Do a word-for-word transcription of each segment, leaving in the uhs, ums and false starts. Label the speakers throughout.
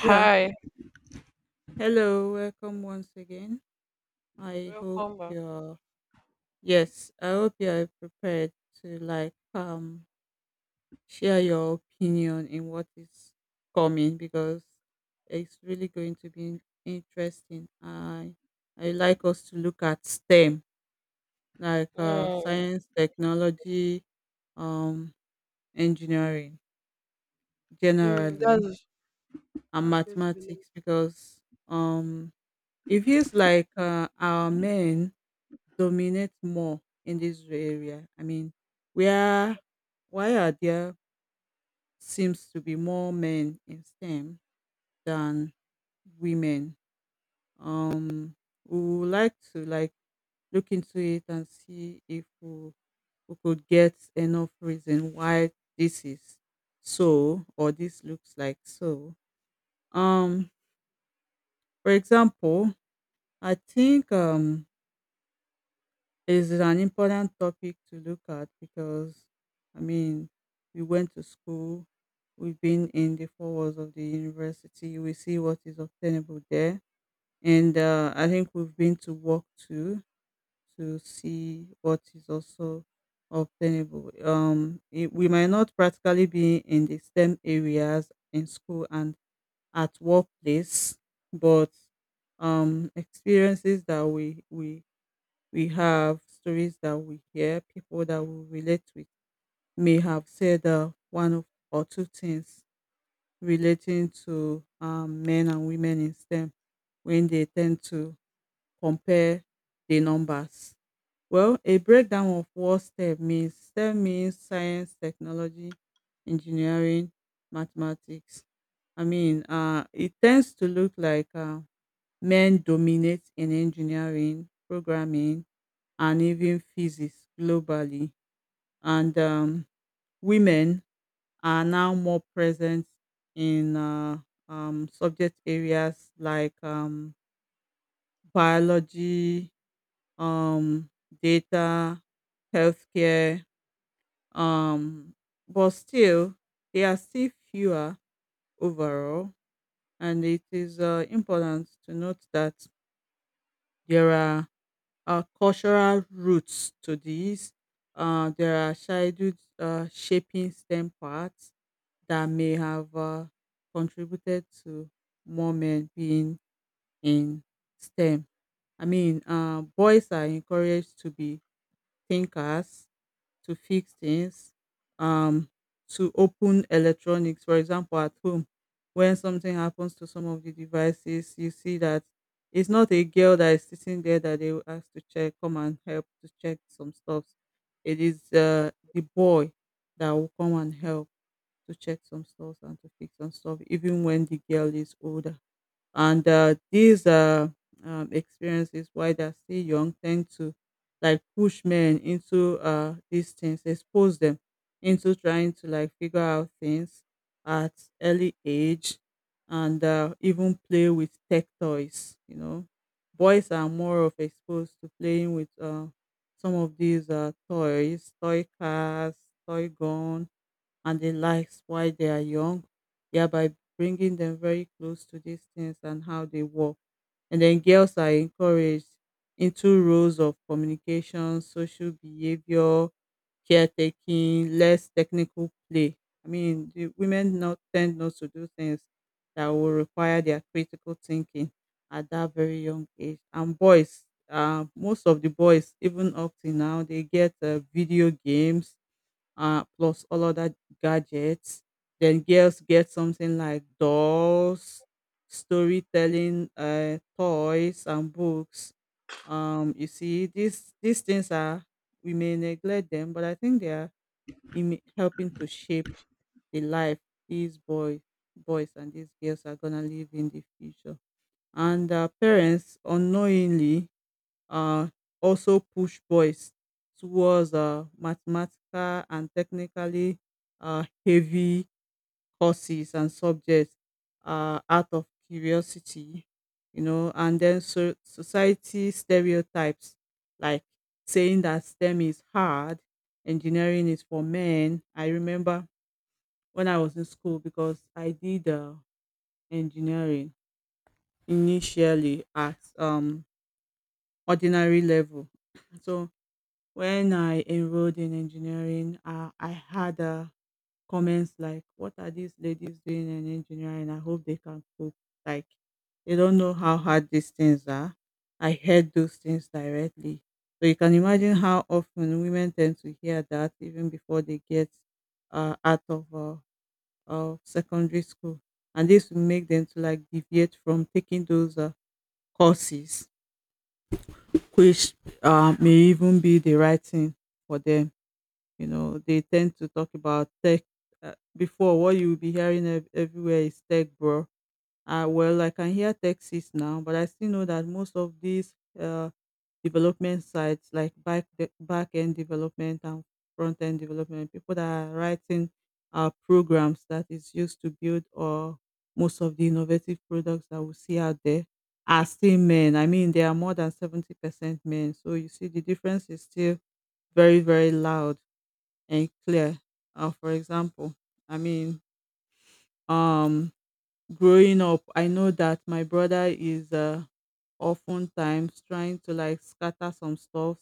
Speaker 1: Yeah. Hello, welcome once again. I hope
Speaker 2: welcome back.
Speaker 1: you're Yes, I hope you are prepared to like um share your opinion in what is coming because it's really going to be interesting. I I like us to look at STEM, like uh
Speaker 2: Mm,
Speaker 1: science, technology, um engineering
Speaker 2: mm,
Speaker 1: generally
Speaker 2: that's
Speaker 1: and
Speaker 2: that's going to be long.
Speaker 1: mathematics because um it feels like uh, our men dominate more in this area. I mean, where why are there seems to be more men in STEM than women? Um, we would like to like look into it and see if we, we could get enough reason why this is so or this looks like so. Um, for example, I think um this is an important topic to look at because, I mean, we went to school, we've been in the four walls of the university, we see what is obtainable there. And uh, I think we've been to work too to see what is also obtainable. Um, it, we might not practically be in the STEM areas in school and at workplace, but um, experiences that we, we we have stories that we hear, people that we relate with may have said uh, one of, or two things relating to um, men and women in STEM when they tend to compare the numbers. Well, a breakdown of what STEM means. STEM means science, technology, engineering, mathematics. I mean, uh, it tends to look like uh, men dominate in engineering, programming, and even physics globally. And um, women are now more present in uh, um, subject areas like um, biology, um, data, healthcare, um, but still, they are still fewer overall. And it is uh, important to note that there are uh, cultural roots to this. Uh, there are childhood uh, shaping STEM parts that may have uh, contributed to more men being in STEM. I mean, uh, boys are encouraged to be thinkers to fix things, um, to open electronics. For example, at home, when something happens to some of the devices, you see that it's not a girl that is sitting there that they will ask to check, come and help to check some stuff. It is uh, the boy that will come and help to check some stuff and to fix some stuff, even when the girl is older. And uh, these uh, um, experiences while they're still young tend to like push men into uh, these things, expose them into trying to like figure out things at early age and uh, even play with tech toys. You know, boys are more of exposed to playing with uh, some of these uh, toys, toy cars, toy guns, and the likes while they are young, yeah, by bringing them very close to these things and how they work. And then girls are encouraged into roles of communication, social behavior, caretaking, less technical play. I mean, the women not tend not to do things that will require their critical thinking at that very young age. And boys, uh, most of the boys, even up till now, they get uh, video games uh, plus all other gadgets. Then girls get something like dolls, storytelling, uh, toys, and books. Um, you see, these these things are we may neglect them, but I think they are in helping to shape the life these boys, boys and these girls are gonna live in the future. And uh, parents unknowingly uh, also push boys towards uh, mathematical and technically uh, heavy courses and subjects uh, out of curiosity, you know, and then so- society stereotypes like saying that STEM is hard, engineering is for men. I remember when I was in school because I did uh, engineering initially at um ordinary level. So when I enrolled in engineering, uh, I had uh, comments like, "What are these ladies doing in engineering? I hope they can cook. Like, they don't know how hard these things are." I heard those things directly, so you can imagine how often women tend to hear that even before they get uh, out of uh, of secondary school, and this will make them to like deviate from taking those uh, courses, which uh, may even be the right thing for them. You know, they tend to talk about tech. Uh, before, what you will be hearing ev- everywhere is tech, bro. Uh, well, I can hear Texas now, but I still know that most of these uh, development sites, like back back end development and front end development, people that are writing uh, programs that is used to build or most of the innovative products that we see out there are still men. I mean, they are more than seventy percent men. So you see, the difference is still very, very loud and clear. Uh, for example, I mean, um, growing up, I know that my brother is uh, oftentimes trying to like scatter some stuff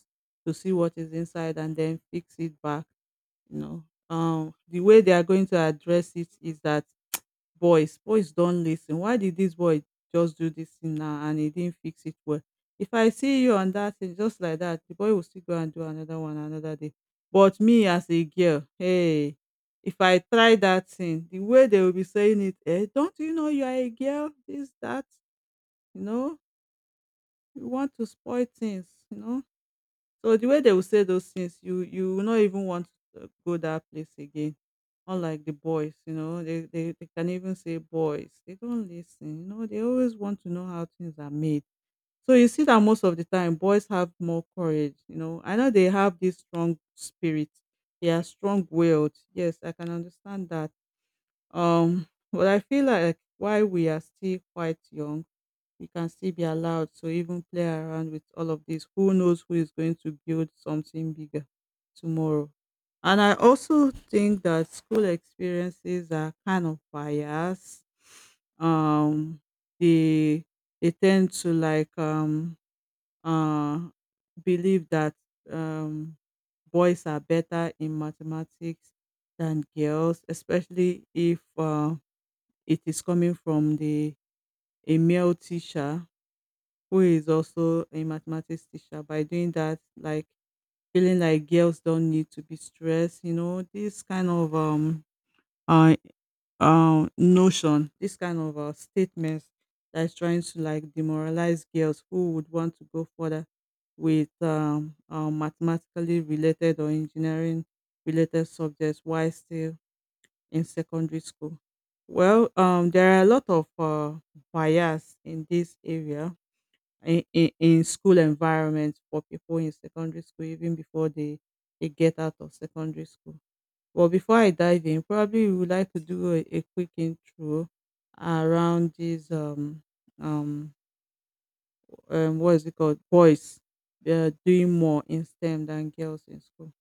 Speaker 1: to see what is inside and then fix it back. You know, um, the way they are going to address it is that boys boys don lis ten, why did this boy just do this thing now and he didn't fix it well? If I see you on that thing just like that, the boy will still go and do another one another day. But me as a girl, hey, if I try that thing, the way they will be saying it, eh, don't you know you are a girl, this that, you know, you want to spoil things, you know. So the way they will say those things, you you will not even want to uh, go that place again. Unlike the boys, you know, they, they, they can even say boys. They don't listen, you know, they always want to know how things are made. So you see that most of the time boys have more courage, you know. I know they have this strong spirit, they are strong willed. Yes, I can understand that. Um, but I feel like like, why we are still quite young you can still be allowed to even play around with all of this. Who knows who is going to build something bigger tomorrow? And I also think that school experiences are kind of biased. Um, they they tend to like um uh believe that um boys are better in mathematics than girls, especially if uh, it is coming from the a male teacher who is also a mathematics teacher, by doing that, like feeling like girls don't need to be stressed, you know, this kind of um uh, uh notion, this kind of uh, statements that's trying to like demoralize girls who would want to go further with um, uh, mathematically related or engineering related subjects while still in secondary school. Well, um there are a lot of uh, bias in this area, in, in, in school environment for people in secondary school even before they, they get out of secondary school. Well, before I dive in, probably we would like to do a, a quick intro around these um um, um what is it called, boys uh, doing more in STEM than girls in school.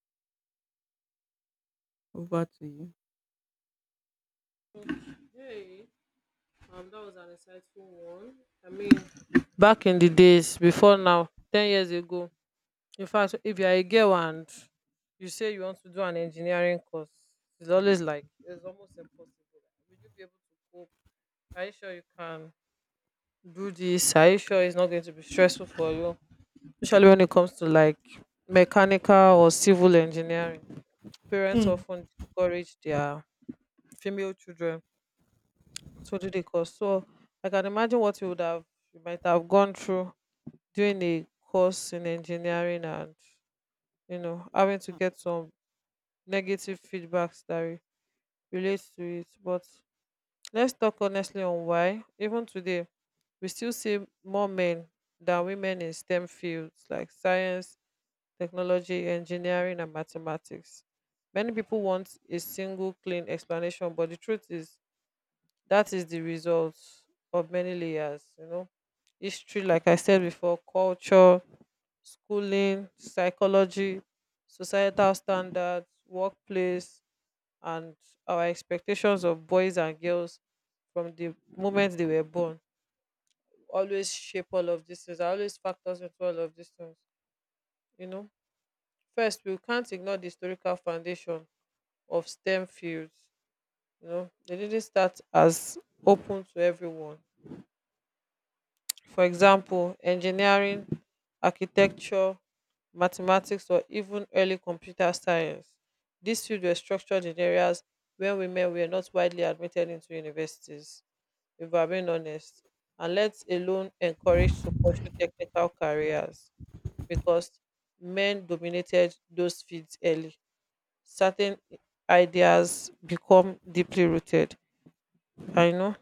Speaker 1: Over to you.
Speaker 2: Hey, um, that was an insightful one. I mean, back in the days before now, ten years ago. In fact, if you are a girl and you say you want to do an engineering course, it's always like it's almost impossible. Will you be able to cope? Are you sure you can do this? Are you sure it's not going to be stressful for you? Especially when it comes to like mechanical or civil engineering. Parents
Speaker 1: Mm.
Speaker 2: often discourage their female children to do the course. So I can imagine what you would have you might have gone through doing a course in engineering, and you know having to get some negative feedbacks that re- relates to it. But let's talk honestly on why even today we still see more men than women in STEM fields like science, technology, engineering and mathematics. Many people want a single clean explanation, but the truth is that is the result of many layers, you know. History, like I said before, culture, schooling, psychology, societal standards, workplace, and our expectations of boys and girls from the moment they were born always shape all of these things, always factors into all of these things, you know. First, we can't ignore the historical foundation of STEM fields. You know, they didn't start as open to everyone. For example, engineering, architecture, mathematics, or even early computer science. These fields were structured in areas where women were not widely admitted into universities, if I'm being honest, and let alone encouraged to pursue technical careers because men dominated those fields early. Certain ideas become deeply rooted. I know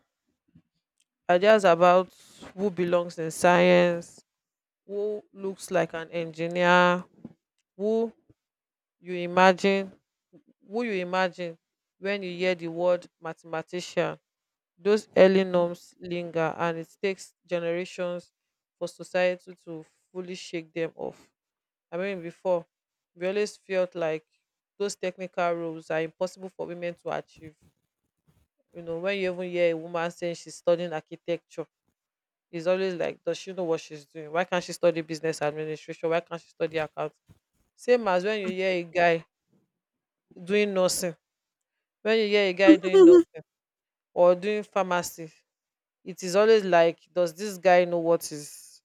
Speaker 2: ideas about who belongs in science, who looks like an engineer, who you imagine who you imagine when you hear the word mathematician. Those early norms linger, and it takes generations for society to fully shake them off. I mean, before, we always felt like those technical roles are impossible for women to achieve. You know, when you even hear a woman saying she's studying architecture, it's always like, does she know what she's doing? Why can't she study business administration? Why can't she study accounting? Same as when you hear a guy doing nursing, when you hear a guy doing nursing or doing pharmacy, it is always like, does this guy know what he's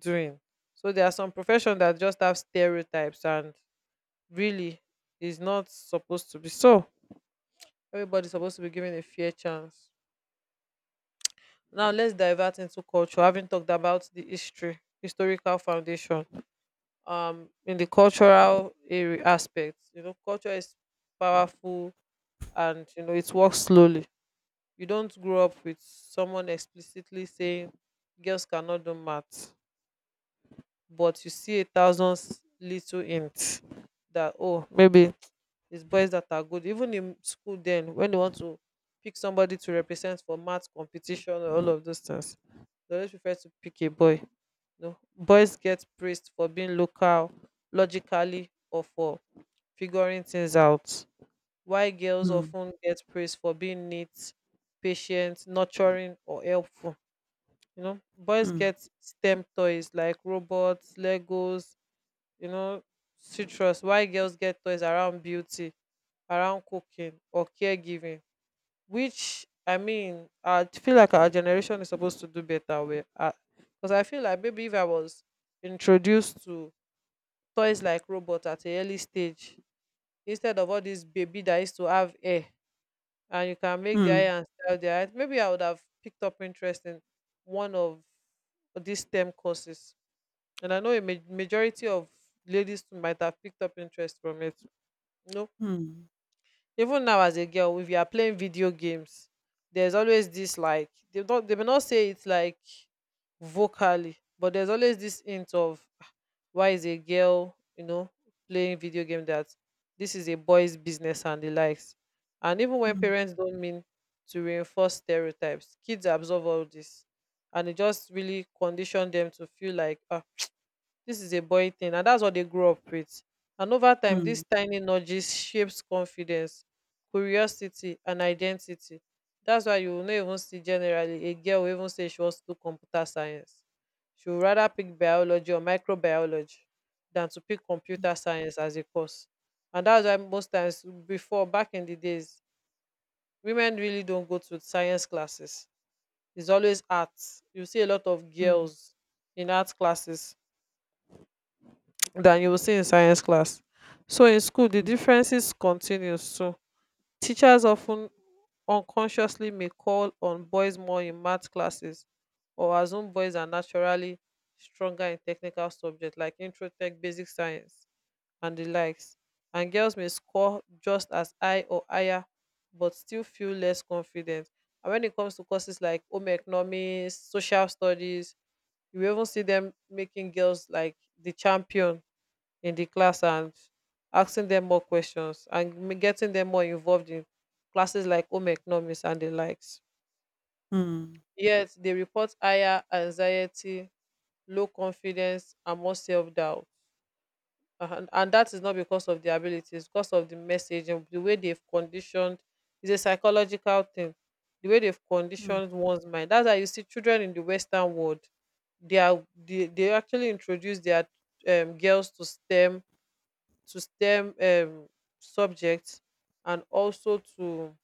Speaker 2: doing? So there are some professions that just have stereotypes and really is not supposed to be so. Everybody's supposed to be given a fair chance. Now let's divert into culture. Having talked about the history, historical foundation, um, in the cultural area aspect, you know, culture is powerful, and you know it works slowly. You don't grow up with someone explicitly saying girls cannot do math, but you see a thousand s- little hints that, oh, maybe it's boys that are good, even in school. Then when they want to pick somebody to represent for math competition or all of those things, they always prefer to pick a boy. No, boys get praised for being local logically or for figuring things out, why girls
Speaker 1: Mm,
Speaker 2: often get praised for being neat, patient, nurturing, or helpful. You know, boys
Speaker 1: mm,
Speaker 2: get STEM toys like robots, Legos, you know, citrus. Why girls get toys around beauty, around cooking, or caregiving. Which, I mean, I feel like our generation is supposed to do better with. Because I feel like maybe if I was introduced to toys like robots at a early stage, instead of all this baby that used to have hair and you can make the
Speaker 1: mm,
Speaker 2: eye and style the eye. Maybe I would have picked up interest in one of these STEM courses, and I know a ma- majority of ladies too might have picked up interest from it. You know,
Speaker 1: mm,
Speaker 2: even now as a girl, if you are playing video games, there's always this like they don't they may not say it like vocally, but there's always this hint of, why is a girl, you know, playing video game, that this is a boy's business and the likes. And even when
Speaker 1: mm,
Speaker 2: parents don't mean to reinforce stereotypes, kids absorb all this, and it just really condition them to feel like, ah, this is a boy thing, and that's what they grew up with. And over time,
Speaker 1: mm,
Speaker 2: these tiny nudges shapes confidence, curiosity, and identity. That's why you will not even see generally a girl will even say she wants to do computer science. She would rather pick biology or microbiology than to pick computer science as a course. And that's why most times before, back in the days, women really don't go to science classes. It's always arts. You see a lot of
Speaker 1: mm, mm,
Speaker 2: girls in art classes than you will see in science class. So in school, the differences continues too. Teachers often unconsciously may call on boys more in math classes or assume boys are naturally stronger in technical subjects like intro tech, basic science, and the likes. And girls may score just as high or higher but still feel less confident. And when it comes to courses like home economics, social studies, you will even see them making girls like the champion in the class and asking them more questions and m- getting them more involved in classes like home economics and the likes.
Speaker 1: mm,
Speaker 2: Yet they report higher anxiety, low confidence, and more self doubt. And, and that is not because of their abilities, because of the message and the way they've conditioned. It's a psychological thing, the way they've conditioned one's mind. That's why you see children in the Western world, they are they, they actually introduce their um, girls to STEM to stem um subject and also to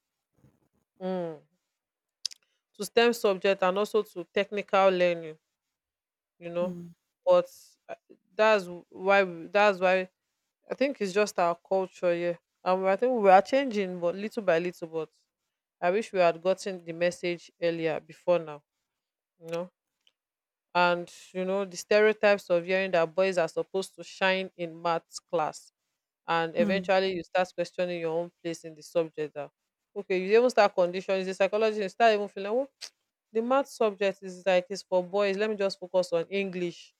Speaker 2: um to stem subject and also to technical learning, you
Speaker 1: mm,
Speaker 2: know.
Speaker 1: mm,
Speaker 2: But uh, that's why we- that's why I think it's just our culture. Yeah, and I think we are changing, but little by little. But I wish we had gotten the message earlier before now, you know. And you know the stereotypes of hearing that boys are supposed to shine in maths class, and
Speaker 1: mm, mm,
Speaker 2: eventually you start questioning your own place in the subject that, okay, you even start conditioning the psychology. You start even feeling like, well, the math subject is like it's for boys, let me just focus on english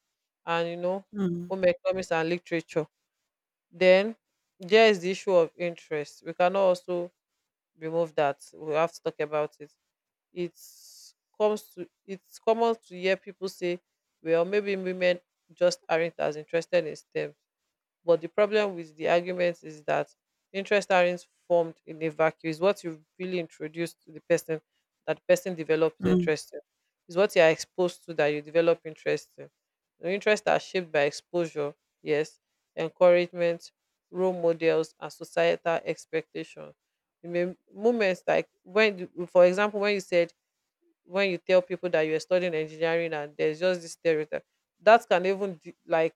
Speaker 2: and, you know,
Speaker 1: mm,
Speaker 2: home economics and literature. Then there is the issue of interest. We cannot also remove that. We have to talk about it. It's comes to it's common to hear people say, well, maybe women just aren't as interested in stem. But the problem with the argument is that interest aren't formed in a vacuum. It's what you really introduce to the person that the person develops
Speaker 1: mm, mm,
Speaker 2: interest in. It's what you are exposed to that you develop interest in. The interests are shaped by exposure, yes, encouragement, role models, and societal expectations. You may moments like when, you- for example, when you said, when you tell people that you're studying engineering, and there's just this stereotype that can even de- like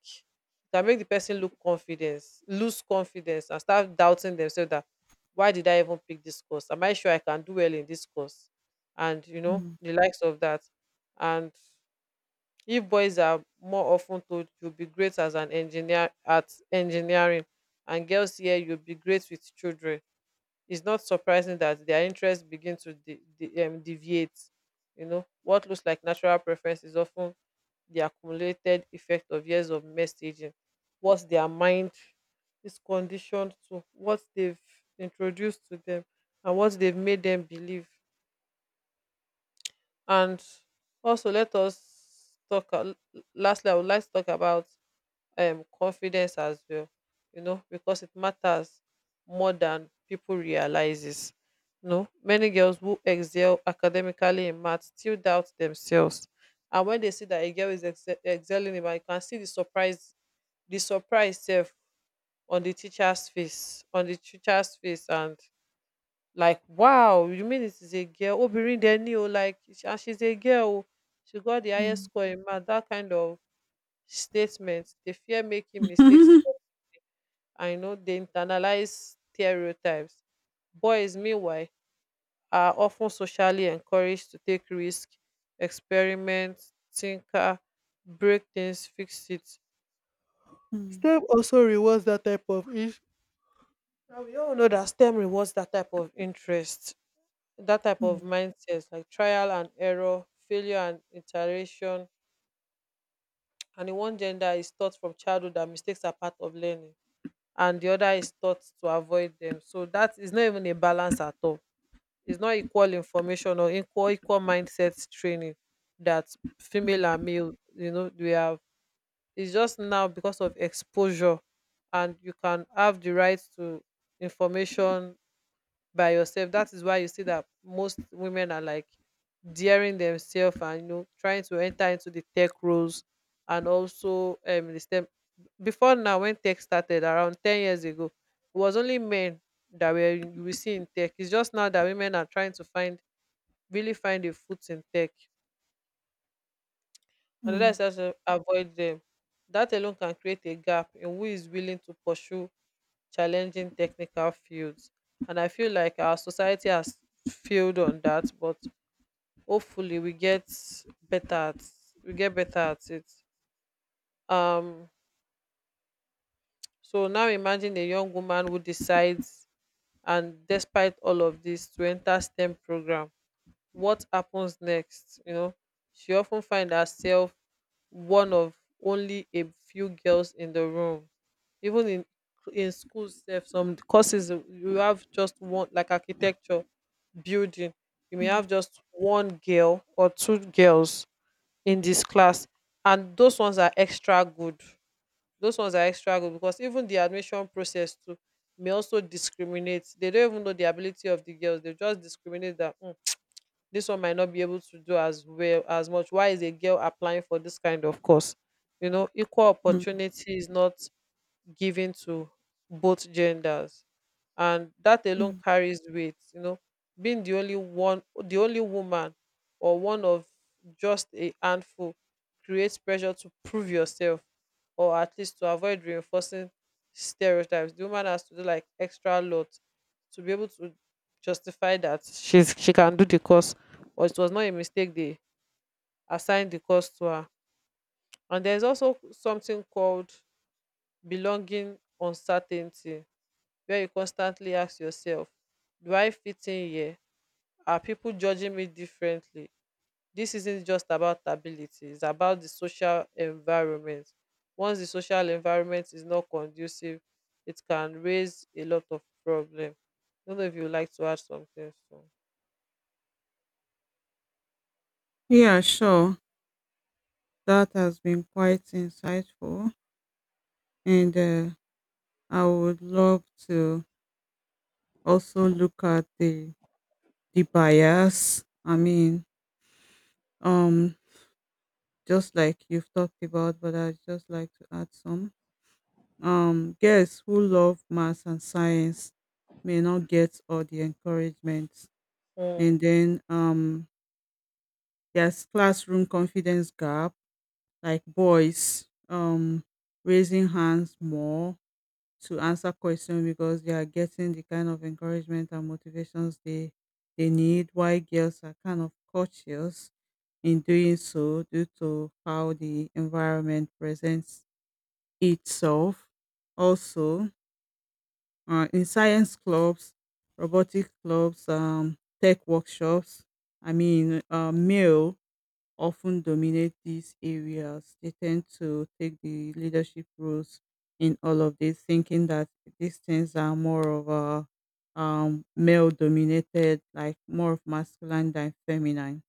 Speaker 2: can make the person look confidence lose confidence and start doubting themselves that, why did I even pick this course? Am I sure I can do well in this course? And you know
Speaker 1: mm,
Speaker 2: the likes of that. And if boys are more often told you'll be great as an engineer at engineering, and girls here, you'll be great with children, it's not surprising that their interests begin to de- de- um, deviate. You know, what looks like natural preference is often the accumulated effect of years of messaging, what their mind is conditioned to, what they've introduced to them, and what they've made them believe. And also, let us talk. A- Lastly, I would like to talk about um confidence as well, you know, because it matters more than people realizes. You know, many girls who excel academically in math still doubt themselves. And when they see that a girl is exce- excelling in math, you can see the surprise, the surprise self on the teacher's face, on the teacher's face, and like, wow, you mean it is a girl? Obirin Deni, oh, like, she- and she's a girl. Oh, she got the highest
Speaker 1: mm,
Speaker 2: score in math. That kind of statement. They fear making mistakes. I know they internalize stereotypes. Boys, meanwhile, are often socially encouraged to take risks, experiment, tinker, break things, fix it.
Speaker 1: Mhm.
Speaker 2: STEM also rewards that type of interest. We all know that STEM rewards that type of interest, that type
Speaker 1: Mm,
Speaker 2: of
Speaker 1: mm,
Speaker 2: mindset, like trial and error, failure and iteration. And in one gender is taught from childhood that mistakes are part of learning, and the other is taught to avoid them. So that is not even a balance at all. It's not equal information or equal equal mindset training that female
Speaker 1: mm,
Speaker 2: and male, you know, we have. It's just now because of exposure, and you can have the right to information by yourself. That is why you see that most women are like daring themselves and you know trying to enter into the tech roles, and also um the STEM. Before now, when tech started around ten years ago, it was only men that were you will see in tech. It's just now that women are trying to find really find a foot in tech. Another
Speaker 1: mm,
Speaker 2: is also avoid them. That alone can create a gap in who is willing to pursue challenging technical fields. And I feel like our society has failed on that, but hopefully we get better at we get better at it. Um so now imagine a young woman who decides and despite all of this to enter STEM program. What happens next? You know, she often find herself one of only a few girls in the room, even in in school sef. Some courses you have just one, like architecture, building, you may
Speaker 1: mm,
Speaker 2: have just one girl or two girls in this class, and those ones are extra good. Those ones are extra good because even the admission process too may also discriminate. They don't even know the ability of the girls, they just discriminate that, "Hmm, this one might not be able to do as well as much. Why is a girl applying for this kind of course?" You know, equal
Speaker 1: mm,
Speaker 2: opportunity is not given to both genders, and that alone
Speaker 1: mm.
Speaker 2: carries weight, you know. Being the only one, the only woman, or one of just a handful, creates pressure to prove yourself or at least to avoid reinforcing stereotypes. The woman has to do like extra lot to be able to justify that she's she can do the course, or it was not a mistake they assigned the course to her. And there's also something called belonging uncertainty, where you constantly ask yourself, do I fit in here? Are people judging me differently? This isn't just about ability, it's about the social environment. Once the social environment is not conducive, it can raise a lot of problem. I don't know if you would like to add something
Speaker 1: Yeah, sure. That has been quite insightful, and uh, I would love to also look at the the bias. I mean, um, just like you've talked about, but I'd just like to add some. Um, girls who love maths and science may not get all the encouragement,
Speaker 2: soon.
Speaker 1: and then um, there's classroom confidence gap, like boys um raising hands more to answer questions because they are getting the kind of encouragement and motivations they they need, while girls are kind of cautious in doing so due to how the environment presents itself. Also, uh, in science clubs, robotic clubs, um, tech workshops, I mean, uh, male often dominate these areas. They tend to take the leadership roles in all of this, thinking that these things are more of a um, male dominated, like more of masculine than feminine,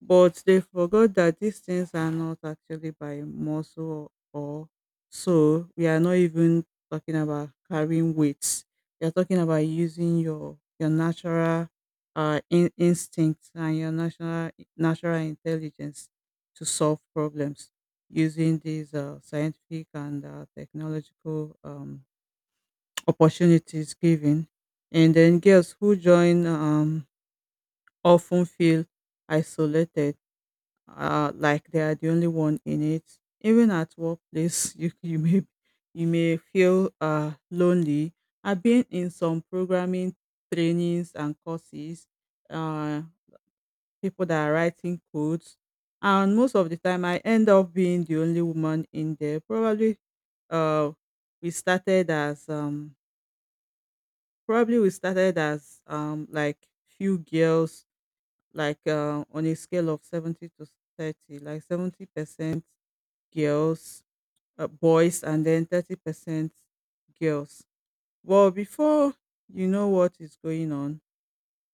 Speaker 1: but they forgot that these things are not actually by muscle or so. We are not even talking about carrying weights. We are talking about using your your natural uh in, instincts and your natural natural intelligence to solve problems using these uh, scientific and uh, technological um, opportunities given. And then girls who join um, often feel isolated, uh, like they are the only one in it. Even at workplace, you you may you may feel uh, lonely. I've been in some programming trainings and courses. Uh, People that are writing codes, and most of the time, I end up being the only woman in there. Probably, uh, we started as um Probably we started as um like few girls, like uh, on a scale of seventy to thirty, like seventy percent girls, uh, boys, and then thirty percent girls. Well, before you know what is going on,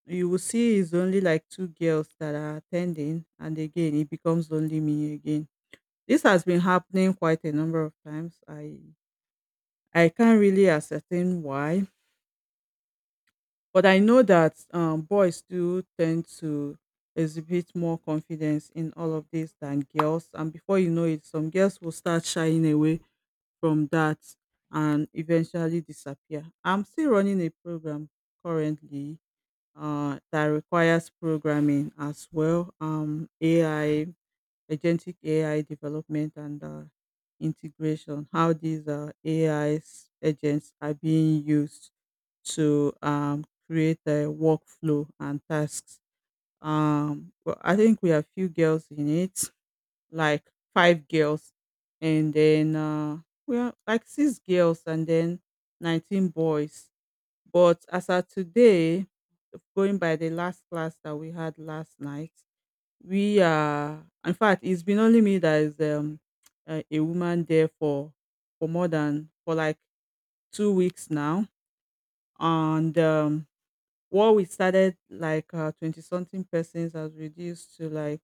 Speaker 1: you will see it's only like two girls that are attending, and again, it becomes only me again. This has been happening quite a number of times. I I can't really ascertain why, but I know that um, boys do tend to exhibit more confidence in all of this than girls, and before you know it, some girls will start shying away from that and eventually disappear. I'm still running a program currently uh, that requires programming as well, um, A I, agentic A I development and uh, integration, how these uh, A I 's agents are being used to um, create a workflow and tasks. Um, well, I think we have few girls in it like five girls and then uh we are like six girls and then nineteen boys. But as of today, going by the last class that we had last night, we are in fact it's been only me that is um uh, a woman there for for more than for like two weeks now, and um what we started like uh, twenty something persons has reduced to like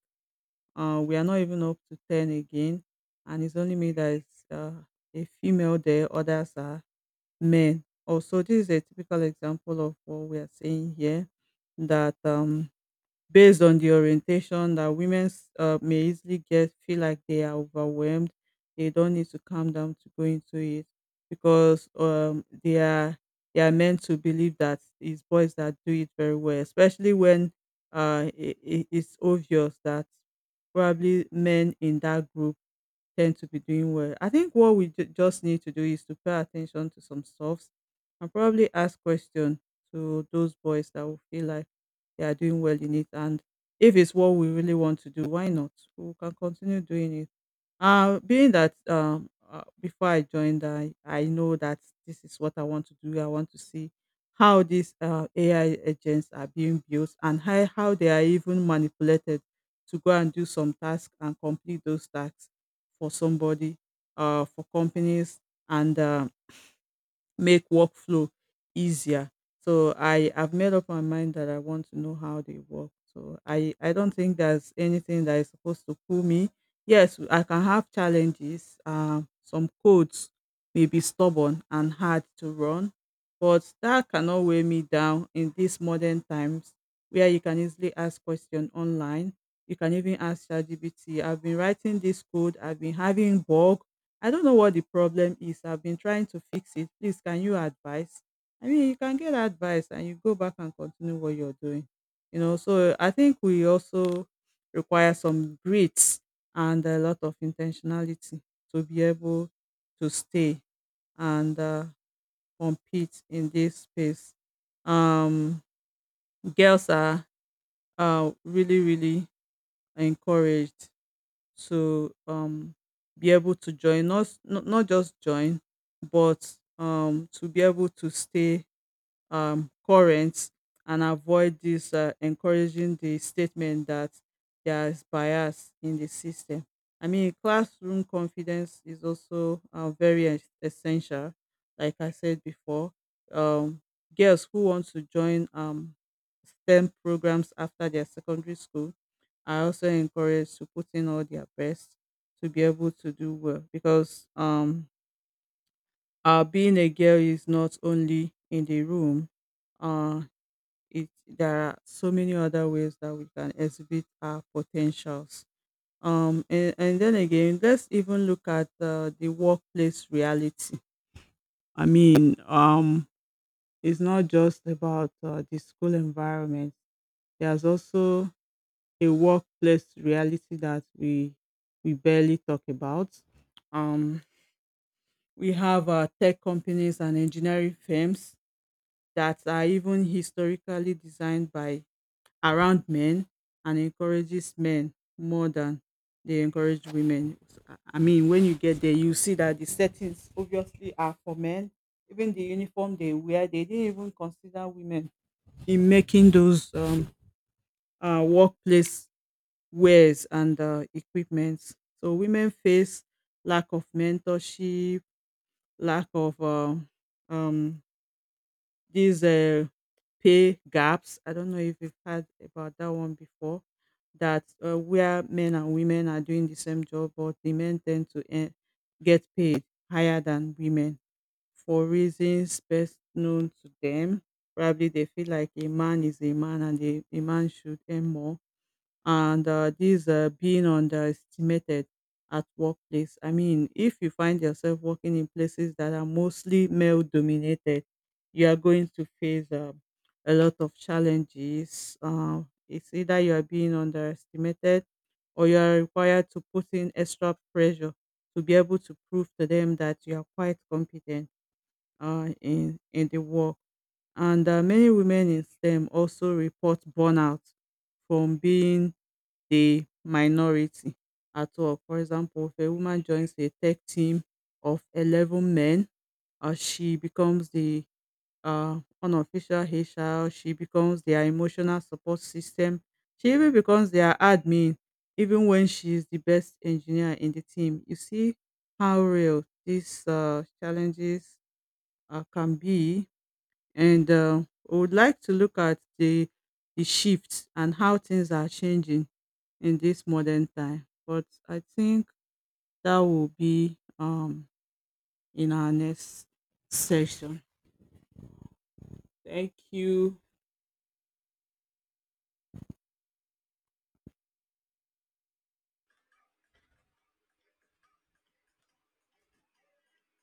Speaker 1: Uh, we are not even up to ten again. And it's only me that is uh, a female there, others are men. Also, this is a typical example of what we are saying here that um, based on the orientation that women uh, may easily get feel like they are overwhelmed, they don't need to calm down to go into it because um they are they are meant to believe that it's boys that do it very well, especially when uh it, it's obvious that probably men in that group tend to be doing well. I think what we ju- just need to do is to pay attention to some stuffs and probably ask questions to those boys that will feel like they are doing well in it. And if it's what we really want to do, why not? We can continue doing it. Uh, being that um, uh, before I joined, I, I know that this is what I want to do. I want to see how these uh, A I agents are being built and how, how they are even manipulated to go and do some tasks and complete those tasks for somebody, uh, for companies, and um, make workflow easier. So I have made up my mind that I want to know how they work. So I I don't think there's anything that is supposed to pull me. Yes, I can have challenges. Um, some codes may be stubborn and hard to run, but that cannot weigh me down in these modern times where you can easily ask questions online. You can even ask ChatGPT. I've been writing this code. I've been having bug I don't know what the problem is. I've been trying to fix it. Please, can you advise? I mean, you can get advice and you go back and continue what you're doing. You know, so I think we also require some grit and a lot of intentionality to be able to stay and uh, compete in this space. Um, Girls are uh, really, really encouraged to um be able to join, not not, not just join, but um to be able to stay um, current and avoid this, uh, encouraging the statement that there is bias in the system. I mean, classroom confidence is also uh, very es- essential. Like I said before, um, girls who want to join um, STEM programs after their secondary school are also encouraged to put in all their best to be able to do well because um, uh, being a girl is not only in the room. Uh, it There are so many other ways that we can exhibit our potentials, um and, and then again, let's even look at uh, the workplace reality. I mean um it's not just about uh, the school environment. There's also a workplace reality that we we barely talk about. um we have uh, tech companies and engineering firms that are even historically designed by around men and encourages men more than they encourage women. So, I I mean, when you get there, you see that the settings obviously are for men. Even the uniform they wear, they didn't even consider women in making those um, uh, workplace wares and uh, equipments. So women face lack of mentorship, lack of um, um, these uh, pay gaps. I don't know if you've heard about that one before. That uh, Where men and women are doing the same job, but the men tend to earn, get paid higher than women for reasons best known to them. Probably they feel like a man is a man and a, a man should earn more, and uh, this, uh, being underestimated at workplace. I mean, if you find yourself working in places that are mostly male dominated, you are going to face uh, a lot of challenges. Uh, it's either you are being underestimated or you are required to put in extra pressure to be able to prove to them that you are quite competent uh, in, in the work. And uh, many women in STEM also report burnout from being the minority at work. For example, if a woman joins a tech team of eleven men, uh, she becomes the uh, unofficial H R, she becomes their emotional support system, she even becomes their admin, even when she is the best engineer in the team. You see how real these uh, challenges uh, can be. And uh, I would like to look at the, the shifts and how things are changing in this modern time. But I think that will be um in our next session. Thank you.